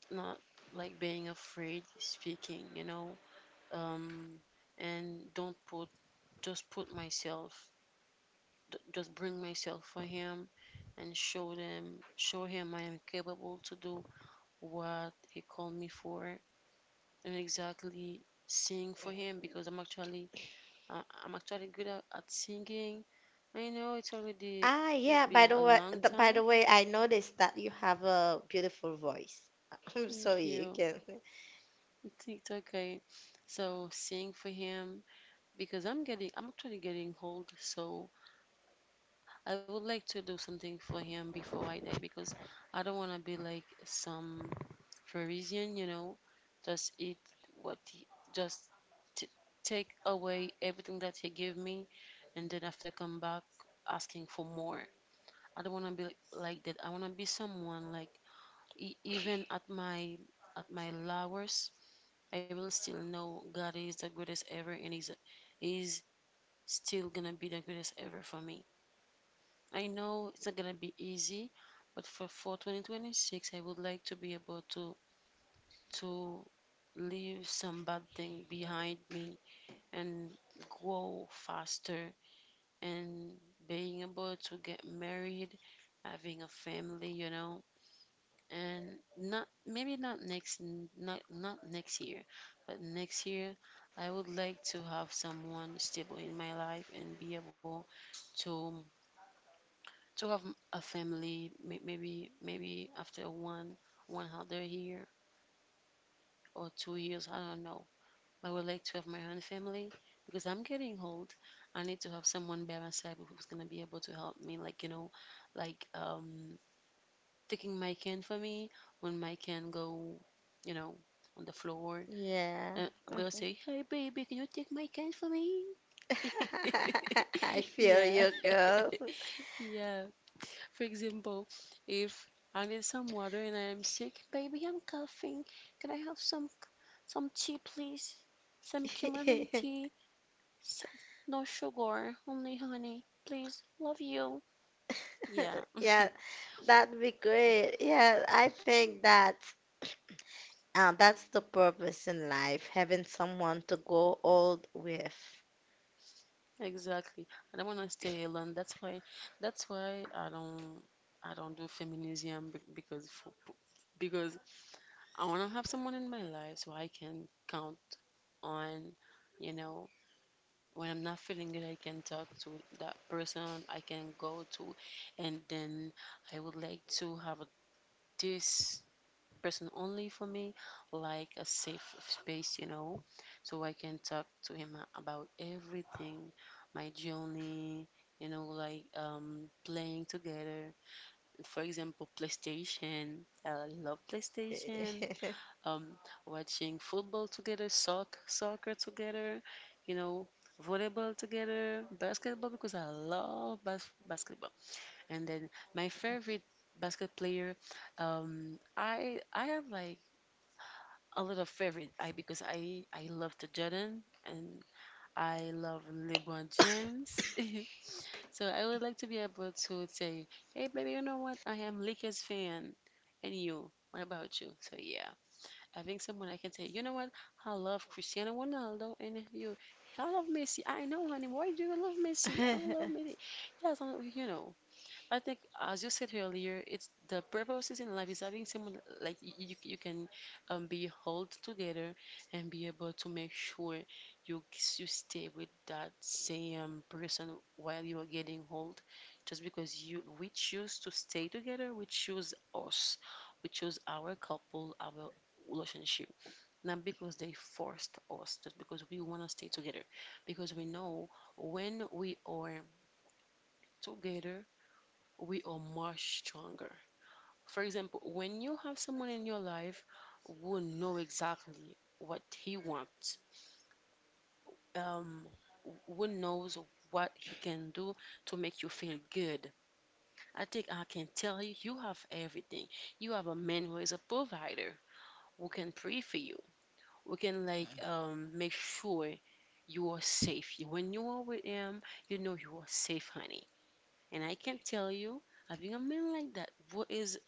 [SPEAKER 2] not like being afraid speaking, you know, um, and don't put just put myself just bring myself for him and show him I am capable to do what he called me for and exactly sing for him because I'm actually good at singing. I know it's already
[SPEAKER 1] Ah, yeah,
[SPEAKER 2] been a long
[SPEAKER 1] by
[SPEAKER 2] time.
[SPEAKER 1] the way, I noticed that you have a beautiful voice. So
[SPEAKER 2] Thank
[SPEAKER 1] you
[SPEAKER 2] you.
[SPEAKER 1] can,
[SPEAKER 2] It's okay. So sing for him because I'm actually getting old. So I would like to do something for him before I die because I don't want to be like some Pharisee, you know, just eat what just t- take away everything that he gave me and then after come back asking for more. I don't want to be like that. I want to be someone like even at my lowest, I will still know God is the greatest ever and is still gonna be the greatest ever for me. I know it's not gonna be easy, but for 2026, I would like to be able to leave some bad thing behind me and grow faster and being able to get married, having a family, you know, and not maybe not next not next year, but next year I would like to have someone stable in my life and be able to to have a family maybe after one other year or 2 years. I don't know. I would like to have my own family because I'm getting old. I need to have someone by my side who's going to be able to help me, like, you know, like taking my can for me when my can go, you know, on the floor.
[SPEAKER 1] yeah.
[SPEAKER 2] I'm going to
[SPEAKER 1] Mhm.
[SPEAKER 2] say, hey baby, can you take my can for me?
[SPEAKER 1] I feel
[SPEAKER 2] Yeah,
[SPEAKER 1] you, girl.
[SPEAKER 2] yeah. For example, if I need some water and I am sick, baby, I'm coughing. Can I have some tea, please? Some chamomile tea. S- No sugar, only honey. Please, love you. Yeah,
[SPEAKER 1] Yeah, that'd be great. Yeah, I think that that's the purpose in life, having someone to go old with.
[SPEAKER 2] exactly. I don't want to stay alone. That's why. That's why I don't. I don't do feminism because I want to have someone in my life so I can count on, you know, when I'm not feeling good, I can talk to that person I can go to, and then I would like to have this person only for me, like a safe space, you know, so I can talk to him about everything, my journey, you know, like playing together. For example, PlayStation. I love PlayStation, um, watching football together, soccer together, you know, volleyball together, basketball because I love basketball. And then my favorite basket player, I have like a lot of favorite. I because I love the Jordan and I love LeBron James. So I would like to be able to say, hey baby, you know what? I am Lakers fan, and you. What about you? So yeah. Having someone I can say, you know what? I love Cristiano Ronaldo, and you, I love Messi. I know, honey. Why do you love Messi? I don't love Messi. Yes, I, don't- you know. I think, as you said earlier, it's the purposes in life is having someone like you, you can be held together and be able to make sure you you stay with that same person while you are getting old. Just because you we choose to stay together, we choose us, we choose our couple, our relationship, not because they forced us, just because we want to stay together, because we know when we are together we are much stronger. For example, when you have someone in your life who know exactly what he wants, um, who knows what he can do to make you feel good, I think I can tell you, you have everything. You have a man who is a provider, who can pray for you, who can like make sure you are safe. When you are with him, you know you are safe, honey. And I can tell you, having a man like that who is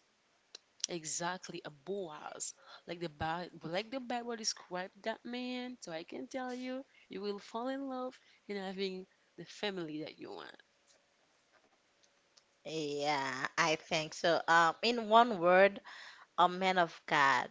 [SPEAKER 2] exactly a Boaz. Like like the Bible described that man, so I can tell you, you will fall in love and having the family that you want.
[SPEAKER 1] Yeah, I think so. In one word, a man of God,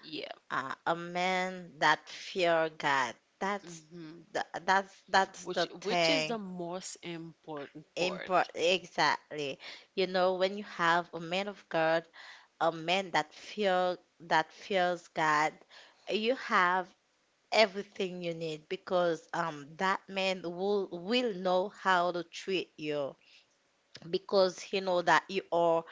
[SPEAKER 2] Yeah.
[SPEAKER 1] a man that fear God. That's
[SPEAKER 2] Hmm.
[SPEAKER 1] that's the
[SPEAKER 2] Which is
[SPEAKER 1] thing.
[SPEAKER 2] the most important part?
[SPEAKER 1] Import exactly. You know, when you have a man of God, a man that fears God, you have everything you need because that man will know how to treat you because he know that you are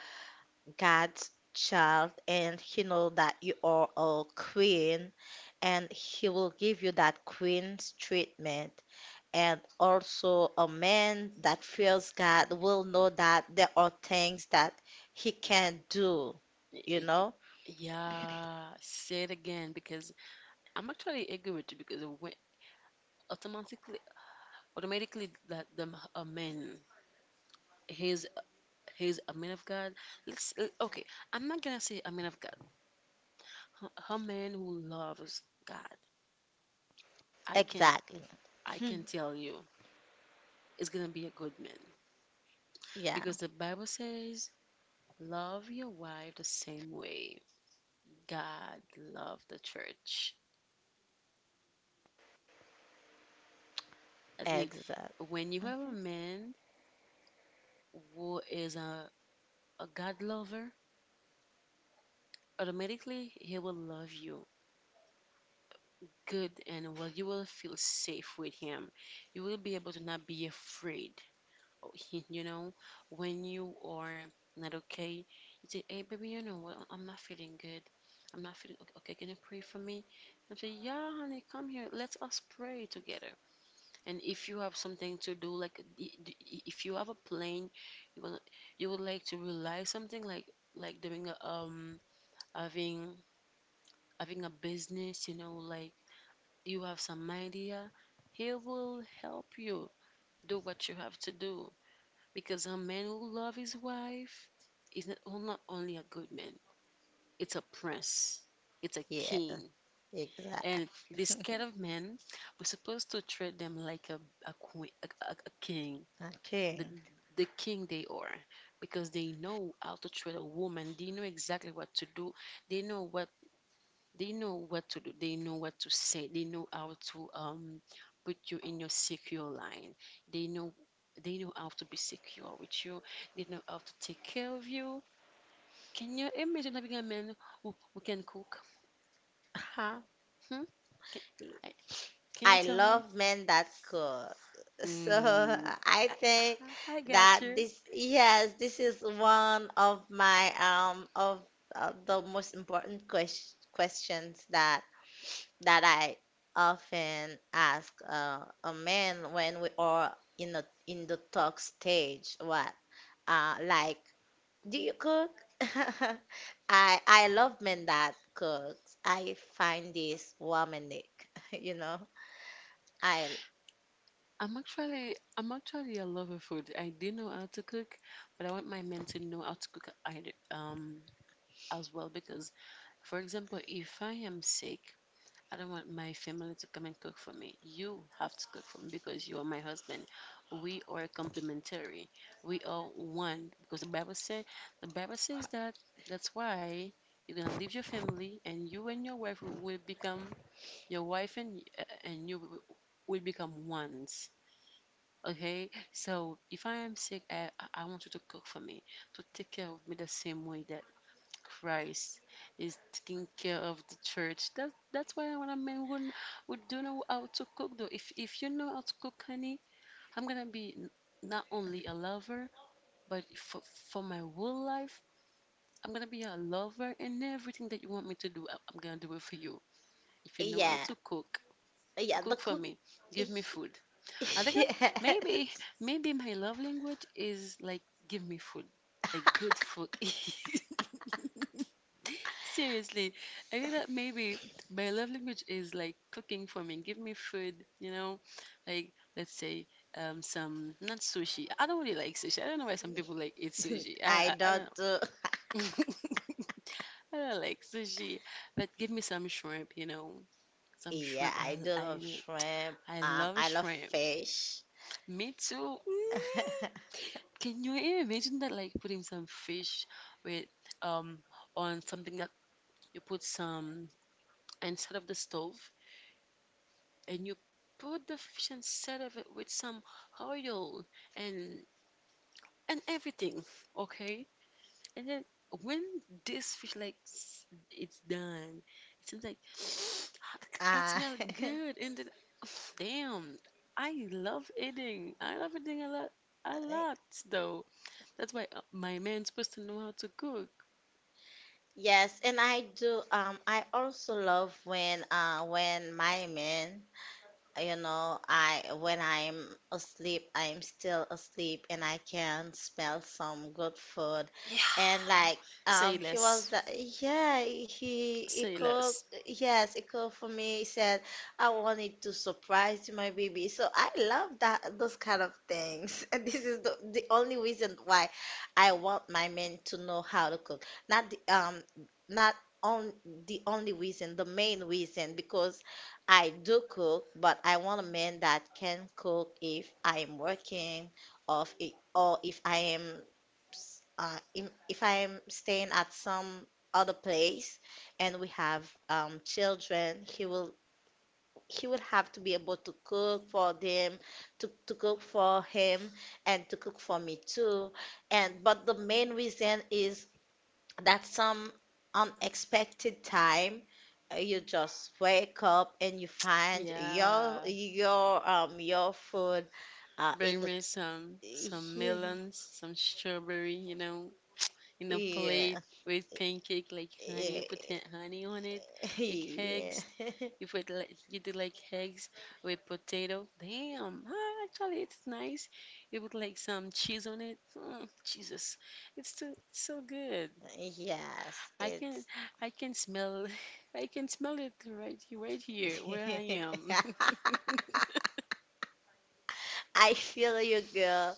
[SPEAKER 1] God's child and he know that you are a queen and he will give you that queen's treatment and also a man that fears God will know that there are things that he can not do,
[SPEAKER 2] Y-
[SPEAKER 1] you
[SPEAKER 2] y-
[SPEAKER 1] know?
[SPEAKER 2] Yeah, say it again because I'm actually agree with you because when automatically automatically that a man he's he's a man of God. Let's Okay. I'm not gonna say a man of God. A man who loves God, I can
[SPEAKER 1] Exactly.
[SPEAKER 2] I
[SPEAKER 1] Hmm.
[SPEAKER 2] can tell you, is gonna be a good man
[SPEAKER 1] Yeah,
[SPEAKER 2] because the Bible says, "Love your wife the same way God loved the church." I mean,
[SPEAKER 1] exactly.
[SPEAKER 2] when you have a man who is a God lover, automatically he will love you good and well. You will feel safe with him. You will be able to not be afraid you know, when you are not okay, you say, "Hey, baby, you know what? I'm not feeling good. I'm not feeling okay. Okay, can you pray for me?" I say, "Yeah, honey, come here. Let us pray together." And if you have something to do, like if you have a plan, you will you would like to realize something like doing a, having having a business, like you have some idea, he will help you do what you have to do because a man who loves his wife is not only a good man, it's a prince, it's a
[SPEAKER 1] Yeah,
[SPEAKER 2] king.
[SPEAKER 1] exactly.
[SPEAKER 2] And this kind of men, we're supposed to treat them like a queen, a king, the,
[SPEAKER 1] Okay.
[SPEAKER 2] the king they are, because they know how to treat a woman. They know exactly what to do. They know what they know what to do. They know what to say. They know how to put you in your secure line. They know they know how to be secure with you. They know how to take care of you. Can you imagine having a man who can cook?
[SPEAKER 1] Uh-huh.
[SPEAKER 2] Hmm? Can, I, can you
[SPEAKER 1] I
[SPEAKER 2] tell me?
[SPEAKER 1] love men that cook. So
[SPEAKER 2] Mm,
[SPEAKER 1] I
[SPEAKER 2] I,
[SPEAKER 1] think
[SPEAKER 2] I got
[SPEAKER 1] that
[SPEAKER 2] you.
[SPEAKER 1] yes, this is one of my of the most important questions that that I often ask a man when we are in the talk stage. What? Like, do you cook? I love men that cooks. I find this romantic, you know. I.
[SPEAKER 2] I'm actually a lover of food. I do know how to cook, but I want my men to know how to cook either, as well because for example, if I am sick, I don't want my family to come and cook for me. You have to cook for me because you are my husband. We are complementary. We are one because the Bible say the Bible says that that's why you're gonna leave your family and you and your wife will become your wife and and you will become ones. Okay, so if I am sick, I want you to cook for me, to take care of me the same way that Christ is taking care of the church. That that's why when I mean would don't know how to cook though. If you know how to cook, honey, I'm gonna be not only a lover, but for my whole life, I'm gonna be a lover and everything that you want me to do, I'm gonna do it for you. If you know how
[SPEAKER 1] Yeah,
[SPEAKER 2] to cook,
[SPEAKER 1] yeah, the
[SPEAKER 2] cook for
[SPEAKER 1] cook.
[SPEAKER 2] me, give me food. I think I, maybe
[SPEAKER 1] Yes,
[SPEAKER 2] maybe my love language is like give me food, like good food. Seriously, I think that maybe my love language is like cooking for me. Give me food, you know, like let's say some not sushi. I don't really like sushi. I don't know why some people like eat sushi.
[SPEAKER 1] I
[SPEAKER 2] I
[SPEAKER 1] don't
[SPEAKER 2] don't
[SPEAKER 1] do too.
[SPEAKER 2] know. I don't like sushi, but give me some
[SPEAKER 1] Yeah,
[SPEAKER 2] shrimp.
[SPEAKER 1] I do love shrimp.
[SPEAKER 2] I love
[SPEAKER 1] I love
[SPEAKER 2] shrimp.
[SPEAKER 1] fish.
[SPEAKER 2] Me too. Mm. Can you even imagine that like putting some fish with um on something that you put some inside of the stove? And you put the fish inside of it with some oil and and everything, okay, and then when this fish it's done, it seems like that
[SPEAKER 1] Uh,
[SPEAKER 2] smell good and then damn, I love eating a lot though. That's why my man's supposed to know how to cook.
[SPEAKER 1] yes, and I do. I also love when my man, you know, I when I'm asleep, I'm still asleep and I can smell some good food
[SPEAKER 2] Yeah,
[SPEAKER 1] and like
[SPEAKER 2] say
[SPEAKER 1] he was
[SPEAKER 2] less.
[SPEAKER 1] like yeah he
[SPEAKER 2] Say
[SPEAKER 1] cooked.
[SPEAKER 2] less.
[SPEAKER 1] Yes, he cooked for me. He said I wanted to surprise my baby. So I love that those kind of things, and this is the only reason why I want my men to know how to cook, not the not on the only reason, the main reason, because I do cook, but I want a man that can cook if I am working, or if I am if I am staying at some other place and we have children, he would have to be able to cook for them, to cook for him, and to cook for me too. And but the main reason is that some unexpected time you just wake up and you find
[SPEAKER 2] Yeah,
[SPEAKER 1] your food in
[SPEAKER 2] bring
[SPEAKER 1] the
[SPEAKER 2] me some
[SPEAKER 1] yeah
[SPEAKER 2] melons, some strawberry, you know, in a
[SPEAKER 1] yeah
[SPEAKER 2] plate with pancake, like honey, put
[SPEAKER 1] yeah
[SPEAKER 2] honey on it, like
[SPEAKER 1] yeah
[SPEAKER 2] eggs. If we like you do like eggs with potato, damn, ah, actually it's nice. You put like some cheese on it. Mm, Jesus, it's so good.
[SPEAKER 1] yes
[SPEAKER 2] I can
[SPEAKER 1] it's
[SPEAKER 2] I can smell I can smell it right here where I am.
[SPEAKER 1] I feel you, girl.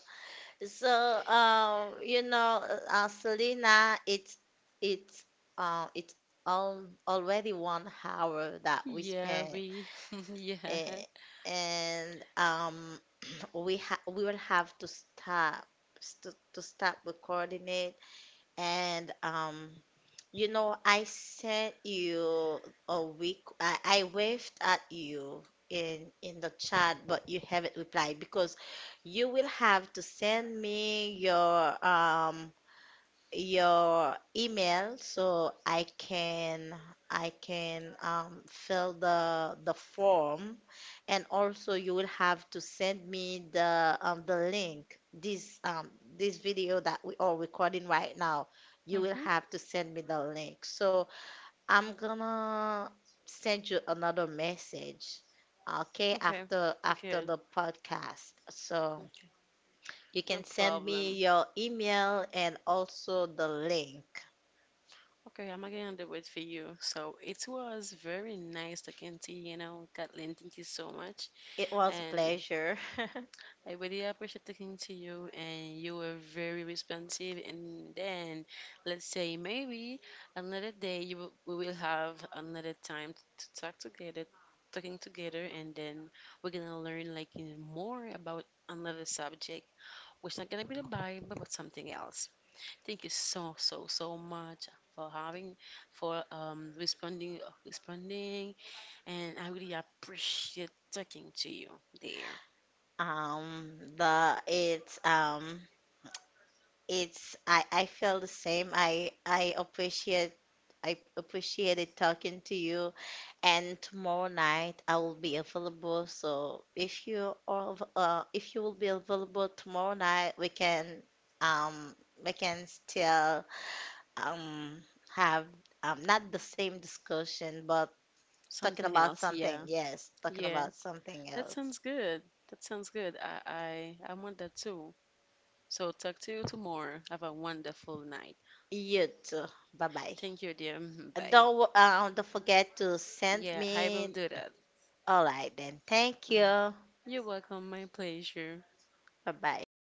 [SPEAKER 1] So, you know, Selena, it's it's al already 1 hour that we
[SPEAKER 2] Yeah,
[SPEAKER 1] spent,
[SPEAKER 2] we yeah.
[SPEAKER 1] eh, and we will have to stop to stop recording it, and you know, I sent you a week. I waved at you in the chat, but you haven't replied because you will have to send me um your email so I can fill the form, and also you will have to send me the link, this this video that we are recording right now. You will
[SPEAKER 2] Hmm.
[SPEAKER 1] have to send me the link, so I'm gonna send you another message, okay,
[SPEAKER 2] Okay,
[SPEAKER 1] after after
[SPEAKER 2] good.
[SPEAKER 1] the podcast, so
[SPEAKER 2] Okay,
[SPEAKER 1] you can
[SPEAKER 2] no
[SPEAKER 1] send me
[SPEAKER 2] problem.
[SPEAKER 1] your email and also the link.
[SPEAKER 2] Okay, I'm again on the wait for you. So it was very nice talking to you, you know, Kathleen. Thank you so much.
[SPEAKER 1] It was a
[SPEAKER 2] And
[SPEAKER 1] pleasure.
[SPEAKER 2] I really appreciate talking to you, and you were very responsive. And then, let's say maybe another day we will have another time to talk together, talking together, and then we're gonna learn, like you know, more about another subject, which not gonna be the Bible, but something else. Thank you so so so much for having for responding responding and I really appreciate talking to you there.
[SPEAKER 1] The it's I feel the same. I appreciate, I appreciated talking to you. And tomorrow night I will be available. So if you are if you will be available tomorrow night, um we can still um have not the same discussion, but talking
[SPEAKER 2] Something
[SPEAKER 1] about
[SPEAKER 2] else,
[SPEAKER 1] something.
[SPEAKER 2] yeah.
[SPEAKER 1] Yes, talking
[SPEAKER 2] Yeah.
[SPEAKER 1] about something
[SPEAKER 2] That
[SPEAKER 1] else.
[SPEAKER 2] sounds good. That sounds good. I want that too. So talk to you tomorrow. Have a wonderful night.
[SPEAKER 1] You too. Bye bye.
[SPEAKER 2] Thank you, dear. Bye.
[SPEAKER 1] Don't forget to send
[SPEAKER 2] Yeah, I will
[SPEAKER 1] me.
[SPEAKER 2] do that.
[SPEAKER 1] All right then. Thank
[SPEAKER 2] Mm.
[SPEAKER 1] you.
[SPEAKER 2] You're welcome. My pleasure.
[SPEAKER 1] Bye bye.